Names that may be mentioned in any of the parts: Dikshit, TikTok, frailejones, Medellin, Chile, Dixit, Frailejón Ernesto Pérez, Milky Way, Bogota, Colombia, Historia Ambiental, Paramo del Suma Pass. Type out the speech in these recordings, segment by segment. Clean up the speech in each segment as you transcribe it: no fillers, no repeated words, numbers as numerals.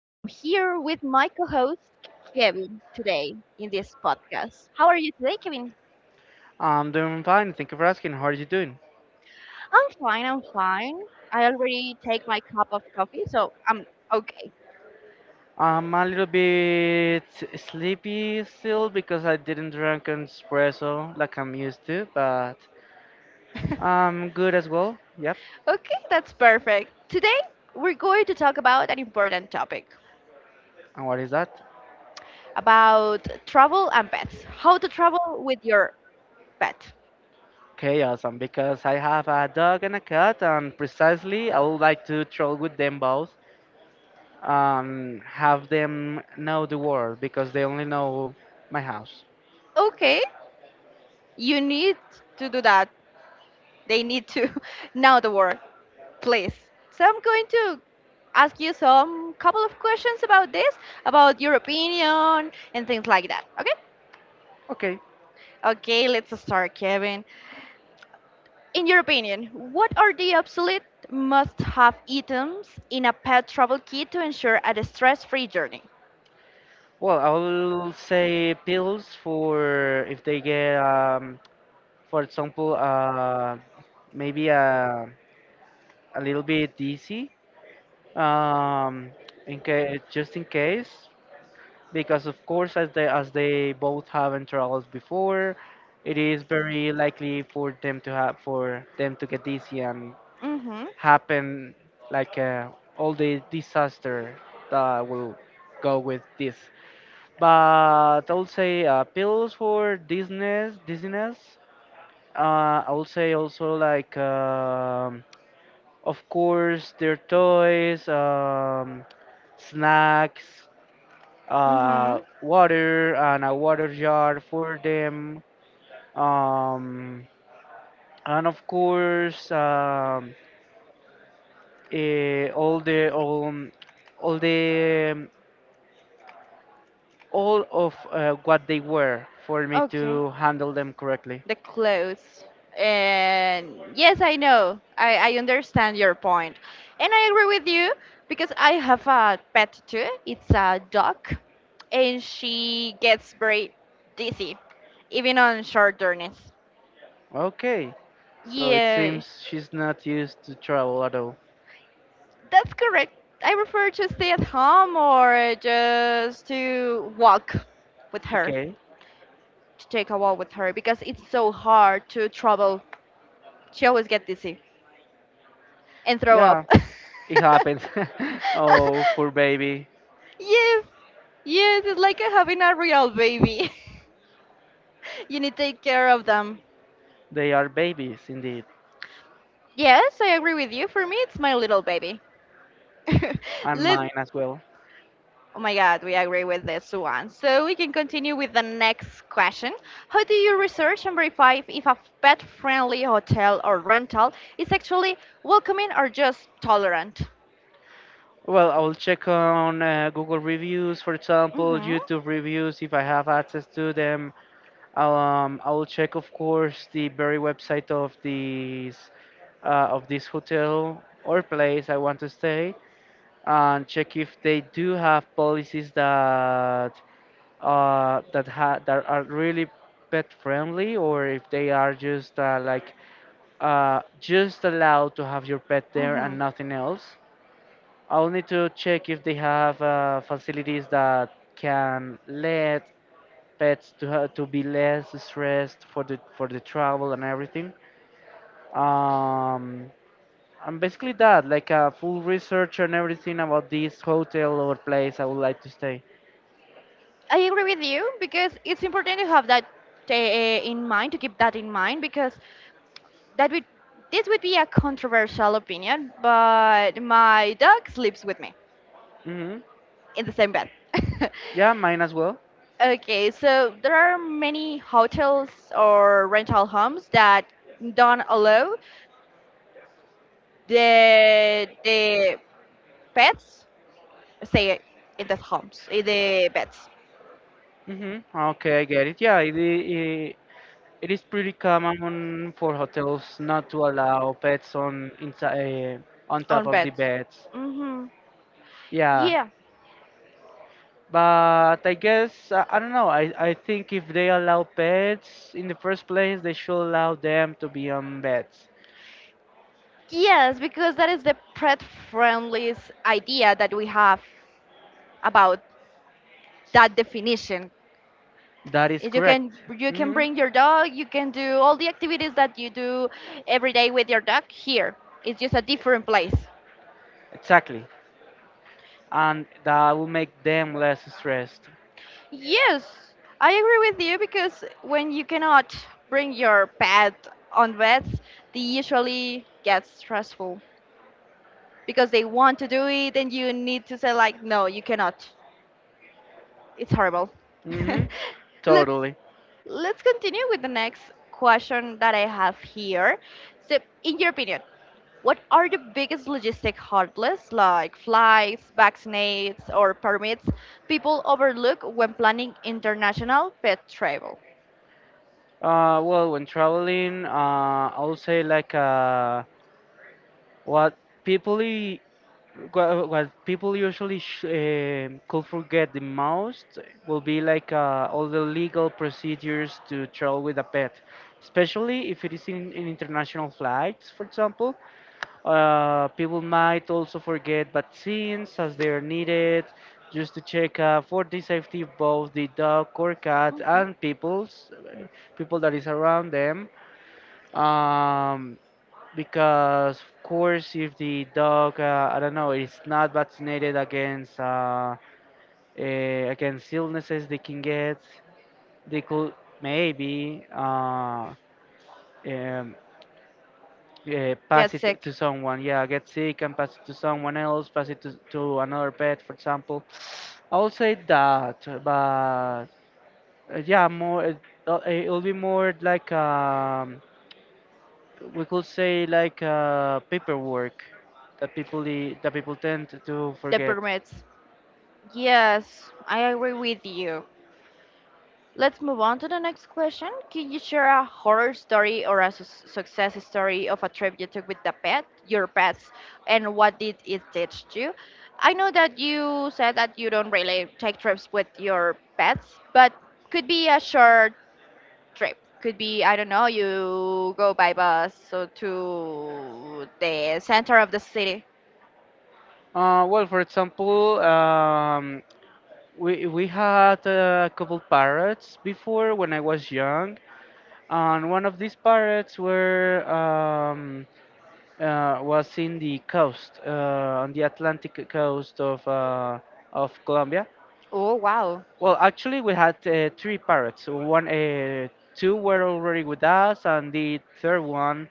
I'm here with my co-host Kevin today in this podcast. How are you today, Kevin? I'm doing fine. Thank you for asking. How are you doing? I'm fine. I already take my cup of coffee, so I'm okay. I'm a little bit sleepy still because I didn't drink an espresso like I'm used to, but I'm good as well. Yep. Okay, that's perfect. Today we're going to talk about an important topic And what is that? about travel and pets. How to travel with your pet. Okay, awesome. Because I have a dog and a cat, and precisely I would like to troll with them both. Have them know the world because they only know my house. Okay, you need to do that. They need to know the word. Please. So I'm going to ask you some couple of questions about this, about your opinion and things like that. Okay? Okay. Okay, let's start, Kevin. In your opinion, what are the absolute must-have items in a pet travel kit to ensure a stress-free journey? Well, I will say pills for if they get for example, maybe a little bit easy, um, in case, just in case, because of course, as they both haven't traveled before, it is very likely for them to get dizzy and Mm-hmm. happen like all the disaster that will go with this. But I would say pills for dizziness. I would say also, of course, their toys, snacks, Mm-hmm. Water, and a water jar for them. Um, and of course, eh, all the all, all the all of what they were for me Okay. to handle them correctly. The clothes. And yes, I know. I understand your point. And I agree with you because I have a pet too. It's a dog. And she gets very dizzy, even on short journeys. Okay, so it Yeah, seems she's not used to travel at all. that's correct. I prefer to stay at home or just to walk with her, Okay. to take a walk with her because it's so hard to travel. She always gets dizzy and throw Yeah, up. it happens. Oh, poor baby. Yes, yes, it's like having a real baby. You need to take care of them. They are babies indeed, Yes, I agree with you. For me, it's my little baby. and Let— mine as well. Oh my god, we agree with this one. So we can continue with the next question. How do you research and verify if a pet friendly hotel or rental is actually welcoming or just tolerant? Well, I will check on Google reviews, for example, Mm YouTube reviews if I have access to them. I will check, of course, the very website of this hotel or place I want to stay, and check if they do have policies that that ha that are really pet friendly, or if they are just just allowed to have your pet there hmm and nothing else. I'll need to check if they have facilities that can let pets to ha to be less stressed for the travel and everything. Um, and basically that, like a full research and everything about this hotel or place I would like to stay. I agree with you because it's important to have that in mind, to keep that in mind, because that would this would be a controversial opinion, but my dog sleeps with me Hmm in the same bed. Yeah, mine as well. Okay, so there are many hotels or rental homes that don't allow the pets stay in the homes, in the beds, Mhm. Okay, I get it. Yeah, it is pretty common for hotels not to allow pets on on top on of the beds. beds. Hmm Yeah, Yeah. but I guess, I don't know. I think if they allow pets in the first place, they should allow them to be on beds. Yes, because that is the pet friendliest idea that we have about that definition. That is If you correct. can, you can Hmm bring your dog, you can do all the activities that you do every day with your dog here. It's just a different place. Exactly, and that will make them less stressed. Yes, I agree with you because when you cannot bring your pet on vets, they usually get stressful because they want to do it and you need to say like no, you cannot. It's horrible. Hmm Let's— Totally. let's continue with the next question that I have here. So, in your opinion, what are the biggest logistic hurdles like flights, vaccinates, or permits people overlook when planning international pet travel? Well, when traveling, I would say what people i- what people usually could forget the most will be like all the legal procedures to travel with a pet, especially if it is in international flights, for example. People might also forget vaccines as they are needed, just to check for the safety of both the dog or cat Mhm. and people that is around them, um, because of course if the dog, I don't know, is not vaccinated against against illnesses they can get, they could maybe um, eh, pass Get it sick, to someone, yeah, get sick and pass it to someone else, pass it to another pet, for example. I would say that, but yeah, more it'll be more like we could say like paperwork that people tend to the forget. permits. Yes, I agree with you. Let's move on to the next question. Can you share a horror story or a su- success story of a trip you took with the pet, your pets, and what did it teach you? I know that you said that you don't really take trips with your pets, but could be a short trip. Could be, I don't know, you go by bus so to the center of the city. Well, for example, we had a couple parrots before when I was young, and one of these parrots were was in the coast, on the Atlantic coast of Colombia. Oh, wow. Well, actually, we had three parrots. One, two were already with us, and the third one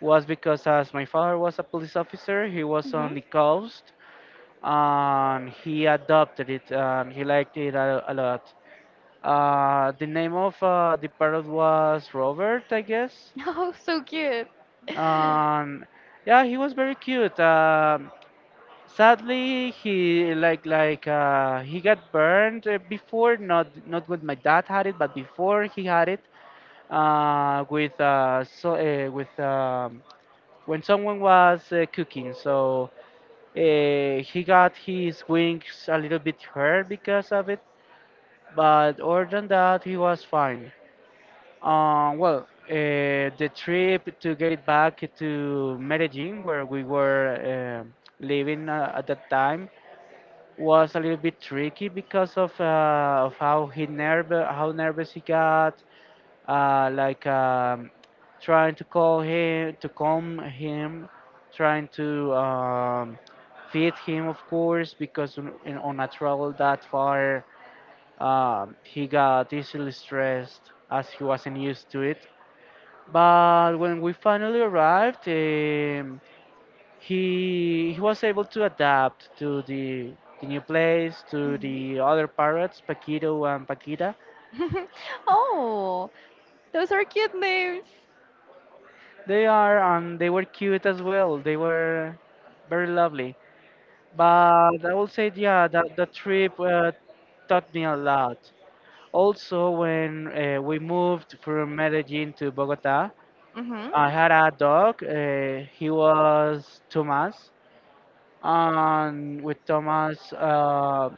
was because, as my father was a police officer, he was hmm on the coast, and he adopted it, and he liked it a lot. The name of the parrot was Robert, I guess, Oh, so cute. and yeah, he was very cute. Um, sadly, he he got burned before, not when my dad had it, but before he had it, with so with when someone was cooking. So he got his wings a little bit hurt because of it, but other than that, he was fine. Well, the trip to get it back to Medellin, where we were um living at that time was a little bit tricky because of how nervous he got, uh, like um, trying to call him to calm him, trying to feed him, of course, because on a travel that far, he got easily stressed as he wasn't used to it. But when we finally arrived, he was able to adapt to the new place, to Mhm. the other parrots, Paquito and Paquita. Oh, those are cute names. They are, and they were cute as well. They were very lovely. But I will say, yeah, that the trip, taught me a lot. Also when, we moved from Medellin to Bogota, Hmm I had a dog, he was Tomas. And with Thomas,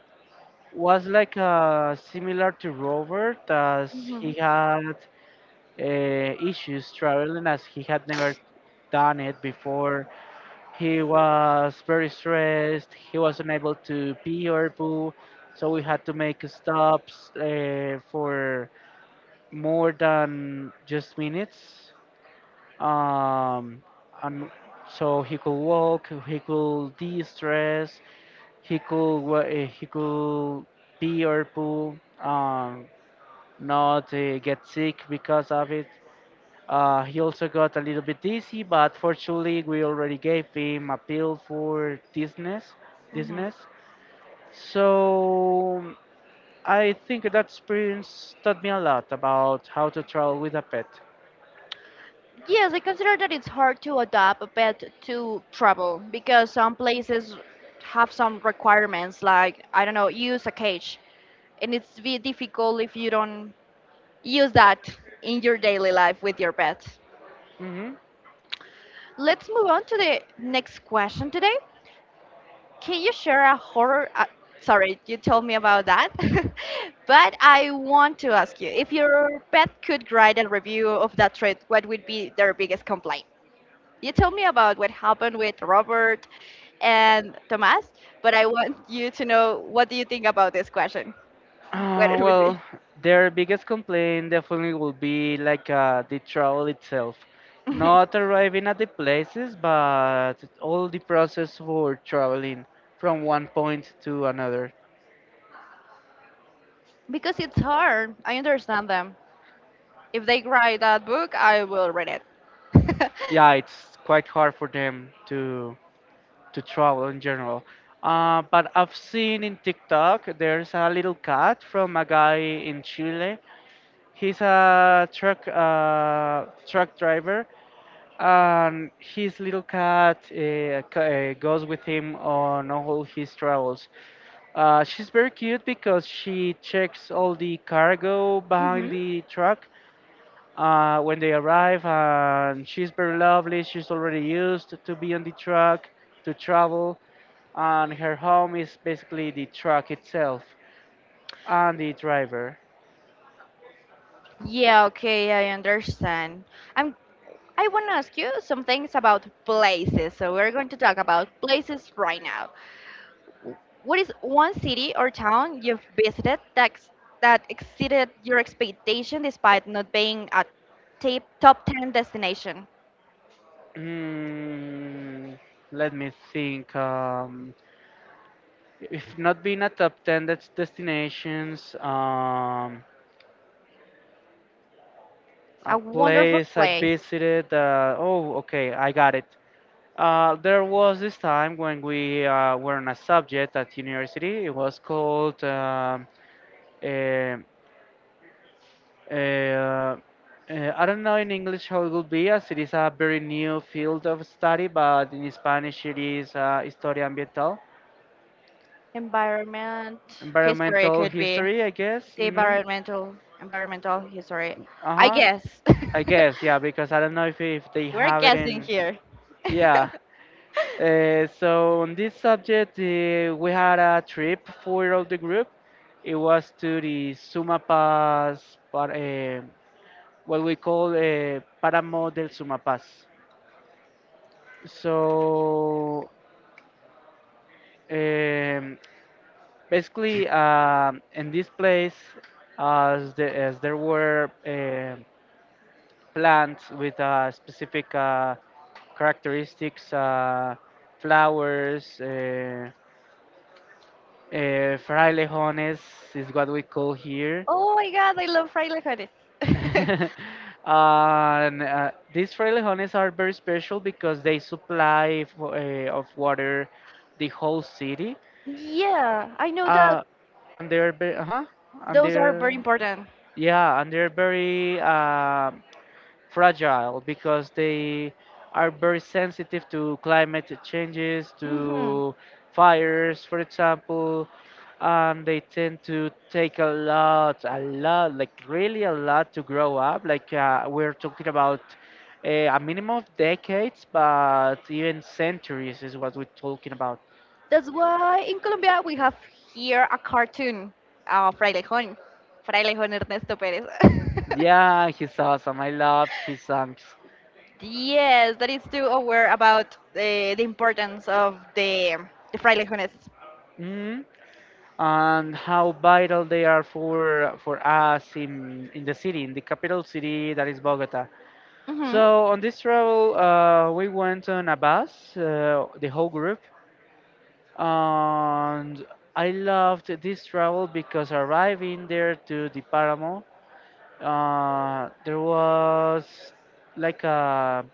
was like similar to Robert, as Mhm. he had issues traveling, as he had never done it before. He was very stressed. He was unable to pee or poo, so we had to make stops for more than just minutes. Um, and so he could walk, he could de-stress, he could he could pee or poo, not get sick because of it. He also got a little bit dizzy, but fortunately we already gave him a pill for dizziness, Mhm. dizziness. So I think that experience taught me a lot about how to travel with a pet. Yes, I consider that it's hard to adopt a pet to travel because some places have some requirements, like, I don't know, use a cage. And it's be difficult if you don't use that in your daily life with your pet. Mm-hmm. Let's move on to the next question today. Can you share a horror? Sorry, you told me about that. But I want to ask you if your pet could write a review of that trip, what would be their biggest complaint? You told me about what happened with Robert and Tomas, but I want you to know what do you think about this question? What it would be? Well, their biggest complaint definitely will be like the travel itself. Not arriving at the places, but all the process for traveling from one point to another. Because it's hard. I understand them. If they write that book, I will read it. Yeah, it's quite hard for them to travel in general. But I've seen in TikTok there's a little cat from a guy in Chile. He's a truck driver, and his little cat, goes with him on all his travels. She's very cute because she checks all the cargo behind Mhm. the truck when they arrive, and she's very lovely. She's already used to be on the truck, to travel, and her home is basically the truck itself and the driver. Yeah, okay, I understand. I'm I want to ask you some things about places. So we're going to talk about places right now. W- what is one city or town you've visited that ex- that exceeded your expectation despite not being a tip, top 10 destination? Hmm, let me think. If not being a top 10 that's destinations, a A wonderful place I place. visited, oh, okay, I got it. There was this time when we, were on a subject at university. It was called, eh, eh, uh, I don't know in English how it would be, as it is a very new field of study, but in Spanish it is Historia Ambiental, Environment history environmental could be history, I guess. the Hmm environmental environmental history. I Uh-huh. guess. I guess, yeah, because I don't know if they We're have it guessing in. here. Yeah. So on this subject, we had a trip for all the group. It was to the Suma Pass, but what we call Paramo del Suma Pass. So um, basically, in this place, as there were plants with specific characteristics, flowers, frailejones is what we call here. Oh my god, I love fried frijoles. And these frailejones are very special because they supply of water the whole city. Yeah, I know that. Uh, and they're, uh huh, and Those are very they're, important. yeah, and they're very fragile because they are very sensitive to climate changes, Hmm to fires, for example, and they tend to take a lot, like really a lot to grow up. Like, we're talking about a minimum of decades, but even centuries is what we're talking about. That's why in Colombia we have here a cartoon, Frailejón. Frailejón Ernesto Pérez. Yeah, he's awesome. I loved his songs. Yes, that is too aware about the importance of the frailejones. And how vital they are for us in the city, in the capital city, that is Bogota. Mhm. So on this travel, we went on a bus, the whole group, and I loved this travel because arriving there to the Paramo, there was like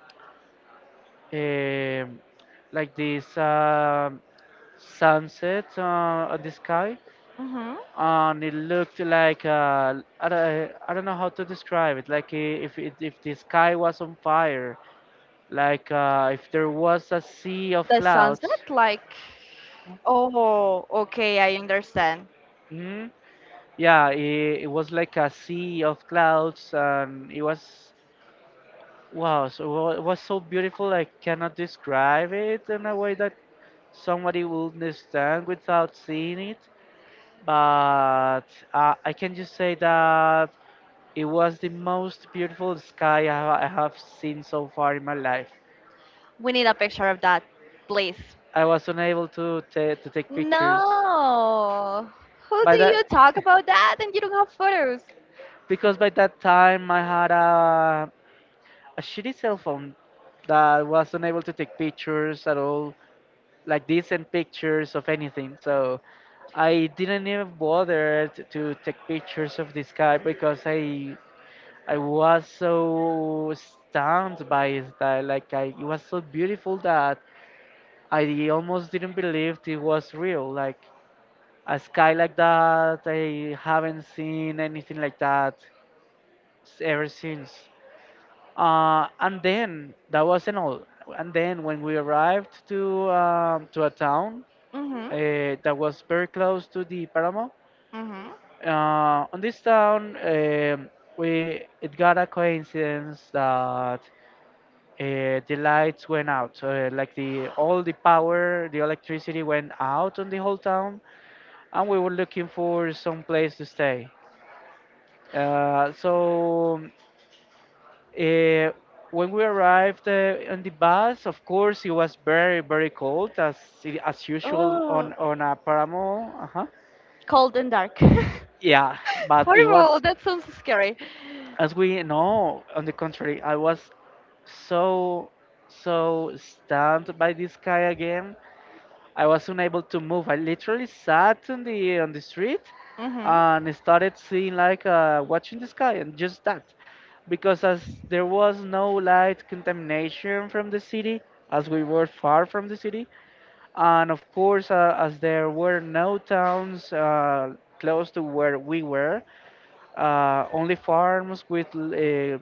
um like this sunset on the sky, Mhm. and it looked like don't, I don't know how to describe it, like if if the sky was on fire, like if there was a sea of The clouds. sunset, like, oh, okay, I understand. mm, yeah, it was like a sea of clouds, and it was wow, so it was so beautiful, I cannot describe it in a way that somebody will understand without seeing it. But I can just say that it was the most beautiful sky I have seen so far in my life. We need a picture of that, please. I was unable to ta to take pictures No. Who by do you that, talk about that and you don't have photos? because by that time I had a shitty cell phone that was unable to take pictures at all, like decent pictures of anything. So I didn't even bother to take pictures of the sky because I was so stunned by it that it was so beautiful that I almost didn't believe it was real. Like a sky like that, I haven't seen anything like that ever since. And then that wasn't all. And then when we arrived to to a town Mhm. That was very close to the Paramo, Mhm. On this town, we it got a coincidence that the lights went out. Like the all the power, the electricity went out on the whole town, and we were looking for some place to stay. Uh, so uh, when we arrived on the bus, of course, it was very very cold as as usual on Oh, a paramo. Uh-huh. cold and dark. Yeah, but it Horrible. was, That sounds scary. as we know. On the contrary, I was so so stunned by this sky again, I was unable to move. I literally sat on the street Mhm. and started seeing like watching the sky and just that, because as there was no light contamination from the city, as we were far from the city, and of course as there were no towns close to where we were, only farms with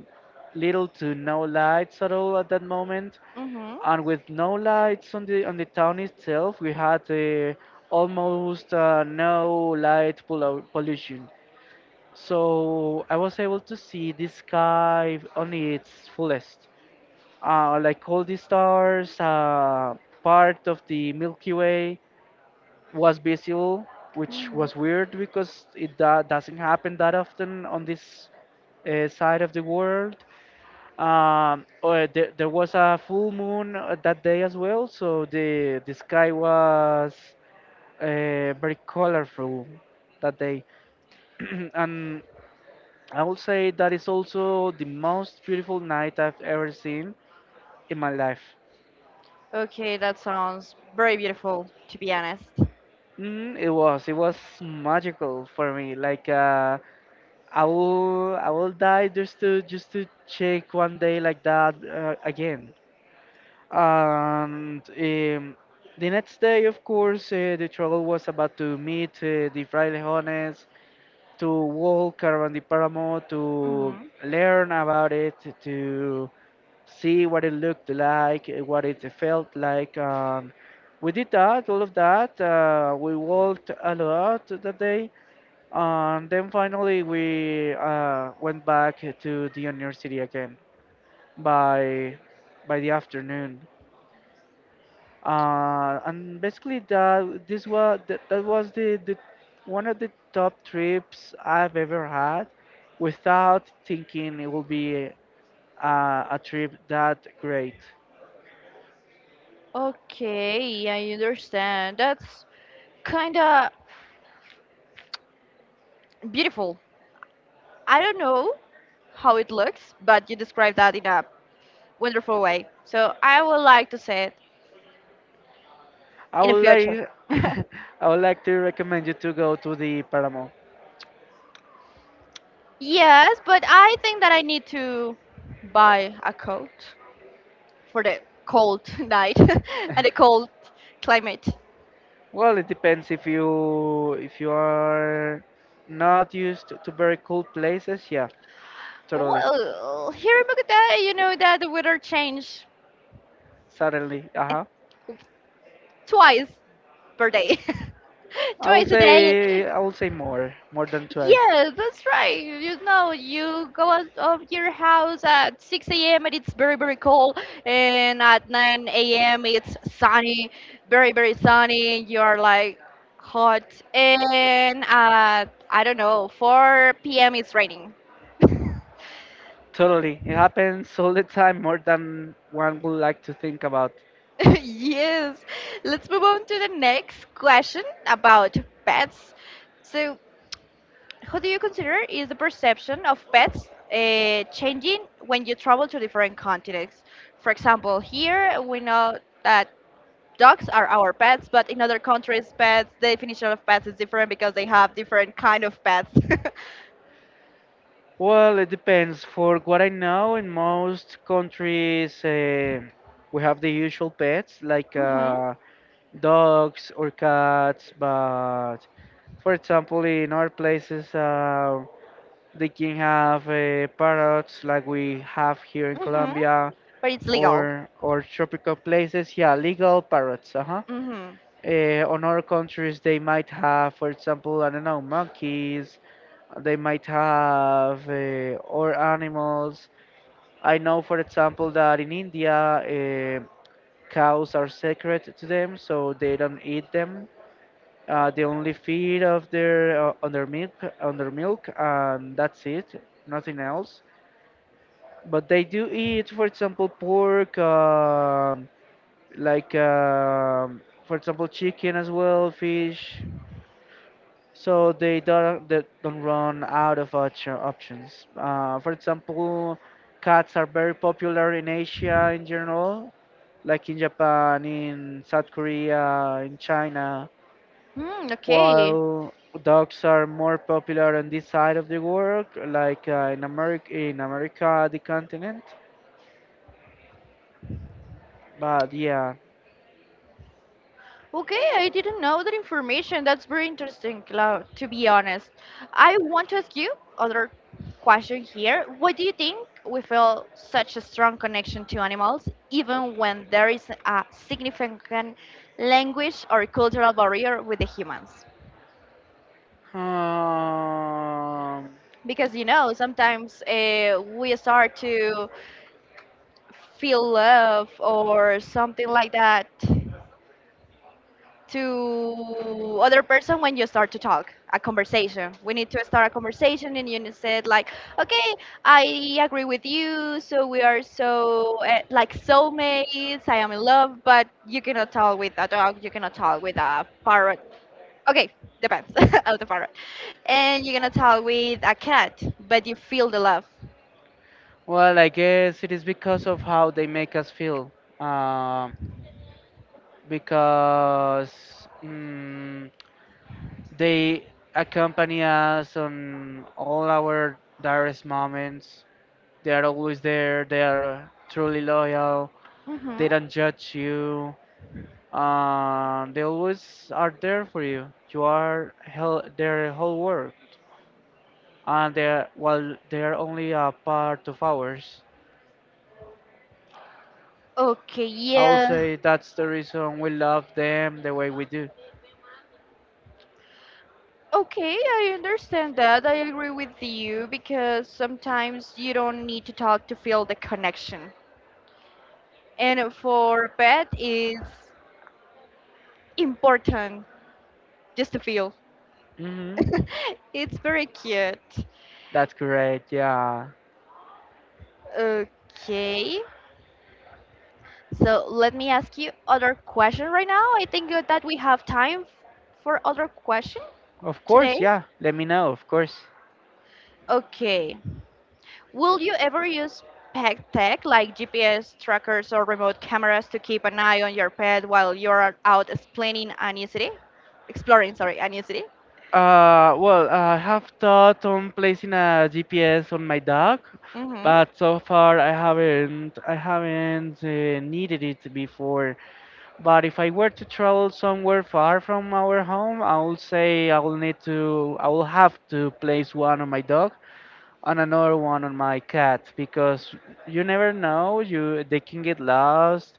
little to no lights at all at that moment, Mhm. and with no lights on the town itself, we had almost no pollution. So I was able to see the sky on its fullest, like all the stars, part of the Milky Way, was visible, which Mhm. was weird because it doesn't happen that often on this side of the world. There was a full moon that day as well, so the sky was very colorful that day, and I will say that is also the most beautiful night I've ever seen in my life. Okay, that sounds very beautiful, to be honest. Mm, it was magical for me, like. I will die just to check one day like that again. And The next day, of course, the travel was about to meet the frailejones, to walk around the Paramo, to Mhm. learn about it, to see what it looked like, what it felt like. And we did that, all of that. We walked a lot that day and then finally, we went back to the university again by the afternoon. And basically, that was the one of the top trips I've ever had, without thinking it will be a trip that great. Okay, I understand. That's kinda beautiful. I don't know how it looks, but you described that in a wonderful way. So I would like to see it I in the would future. like I would like to recommend you to go to the Paramo. Yes, but I think that I need to buy a coat for the cold night and the cold climate. Well, it depends if you are not used to very cold places. Yeah, totally. Well, here in Bogota, you know that the weather change Suddenly, uh-huh. twice per day. Twice a day. I will say more, than twice. Yes, that's right. You know, you go out of your house at 6 a.m. and it's very, very cold, and at 9 a.m. it's sunny, very, very sunny, and you're like hot, and at I don't know, 4 p.m. it's raining. Totally. It happens all the time, more than one would like to think about. Yes, let's move on to the next question about pets. So, who do you consider is the perception of pets changing when you travel to different continents? For example, here we know that dogs are our pets, but in other countries, pets, the definition of pets is different because they have different kind of pets. Well, it depends. For what I know, in most countries, we have the usual pets like Mhm. Dogs or cats. But for example, in our places, they can have parrots like we have here in Mhm. Colombia, But it's legal. or tropical places. Yeah, legal parrots. Uh-huh. Mhm. On other countries, they might have, for example, I don't know, monkeys. They might have or animals. I know, for example, that in India, cows are sacred to them, so they don't eat them. They only feed of their on their milk, and that's it, nothing else. But they do eat, for example, pork, for example, chicken as well, fish. So they don't run out of options. For example, cats are very popular in Asia in general, like in Japan, in South Korea, in China. Hmm, okay. While dogs are more popular on this side of the world, like in America, the continent. But yeah. Okay, I didn't know that information. That's very interesting, Clau, to be honest. I want to ask you other question here. Why do you think we feel such a strong connection to animals, even when there is a significant language or cultural barrier with the humans? Um, Because you know, sometimes we start to feel love or something like that to other person. When you start to talk a conversation, we need to start a conversation and you need to said like, okay, I agree with you, so we are so like soulmates, I am in love. But you cannot talk with a dog, you cannot talk with a parrot. Okay, depends of the parrot. And you're gonna talk with a cat, but you feel the love. well, I guess it is because of how they make us feel. Um, because they accompany us on all our direst moments. They are always there. They are truly loyal. Hmm They don't judge you. They always are there for you. You are their whole world, and they are, well, they are only a part of ours. okay, I would yeah. say that's the reason we love them the way we do. Okay, I understand that. I agree with you because sometimes you don't need to talk to feel the connection. And for pet, it's important just to feel. Hmm. It's very cute. That's correct. Yeah. Okay, so let me ask you other question right now. I think that we have time for other question Of today. course. Yeah. Let me know. Of course. Okay. Will you ever use pet tech like GPS trackers or remote cameras to keep an eye on your pet while you're out exploring a new city? Exploring, sorry, a new city? Well, I have thought on placing a GPS on my dog, Mm-hmm. but so far I haven't. I haven't needed it before. But if I were to travel somewhere far from our home, I will say I will need to. I will have to place one on my dog, on another one on my cats, because you never know, you they can get lost,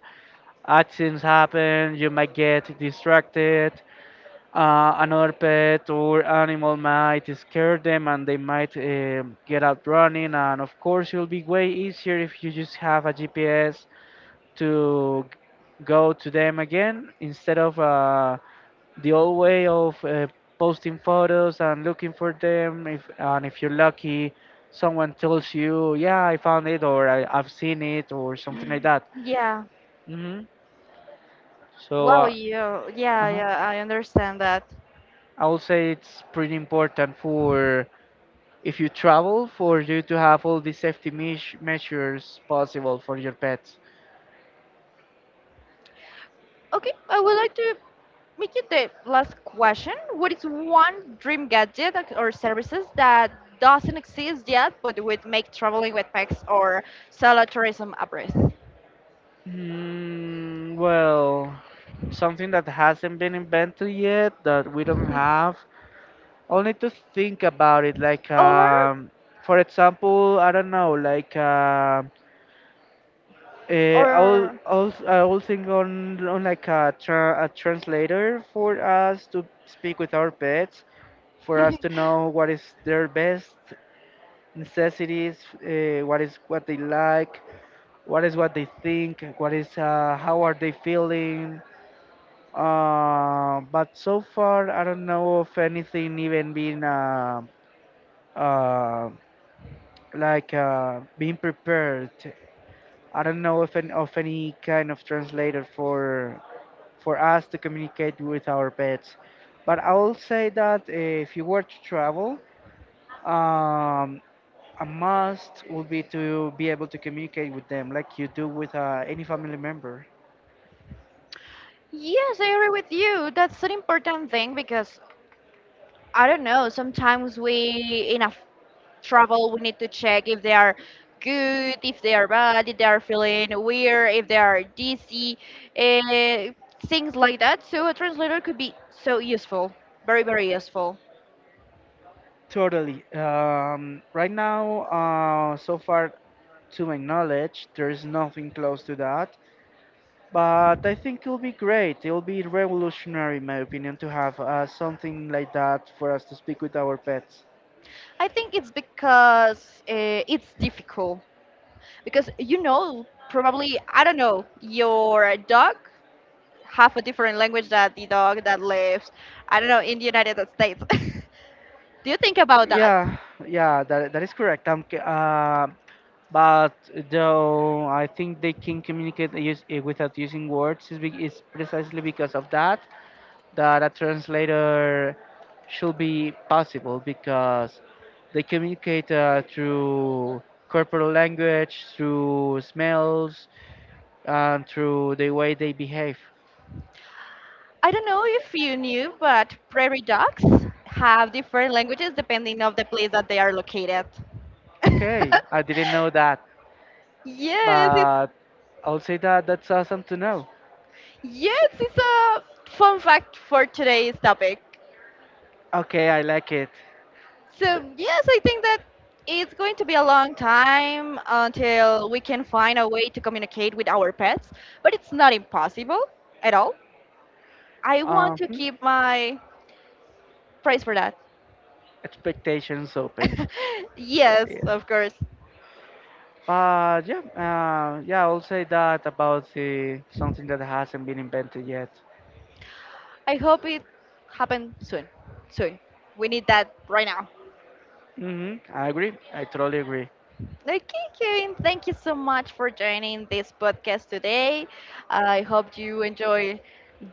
accidents happen, you might get distracted, another pet or animal might scare them and they might get out running, and of course it'll be way easier if you just have a GPS to go to them again instead of the old way of posting photos and looking for them, if you're lucky someone tells you, yeah, I found it, or I've seen it or something like that. Yeah. Hmm. so Wow, uh, yeah, yeah, uh-huh. yeah, I understand that. I would say it's pretty important for, if you travel, for you to have all the safety measures possible for your pets. Okay, I would like to make you the last question. What is one dream gadget ac- or services that doesn't exist yet but would make traveling with pets or solo tourism a breeze? Mm, well, something that hasn't been invented yet that we don't have, I'll need to think about it. Or, For example, I don't know. I'll or, think on like a translator for us to speak with our pets, for us to know what is their best necessities, what is what they like, what is what they think, what is how are they feeling. But so far, I don't know of anything even being. Um, Being prepared. I don't know if of any kind of translator for us to communicate with our pets, but I will say that if you were to travel, um, a must would be to be able to communicate with them like you do with any family member. yes, I agree with you. That's an important thing because I don't know, sometimes we in a f- travel we need to check if they are good, if they are bad, if they are feeling weird, if they are dizzy, uh, things like that. So a translator could be so useful, very, very useful. Totally. Right now, so far, to my knowledge, there is nothing close to that. But I think it'll be great. It'll be revolutionary, in my opinion, to have something like that for us to speak with our pets. I think it's because it's difficult because you know probably I don't know your dog have a different language that the dog that lives, I don't know, in the United States. Do you think about that? Yeah, yeah, that is correct. But though I think they can communicate without using words, is precisely because of that, that a translator should be possible, because they communicate through corporal language, through smells, and through the way they behave. I don't know if you knew, but prairie dogs have different languages depending of the place that they are located. Okay, I didn't know that, Yes, it's but I'll say that that's awesome to know. yes, it's a fun fact for today's topic. Okay, I like it. So yes, I Th- think that it's going to be a long time until we can find a way to communicate with our pets, but it's not impossible at all. I want Um, to hmm, keep my praise for that. Expectations opened. Yes, Yeah. of course. Yeah, I'll say that about the something that hasn't been invented yet. I hope it happen soon. Soon. We need that right now. Hmm, I agree. I totally agree. Okay, Kevin, thank you so much for joining this podcast today. I hope you enjoy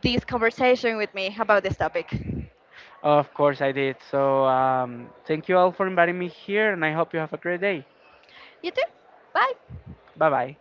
this conversation with me about this topic. Of course, I did. So, thank you all for inviting me here, and I hope you have a great day. You too. Bye. Bye bye.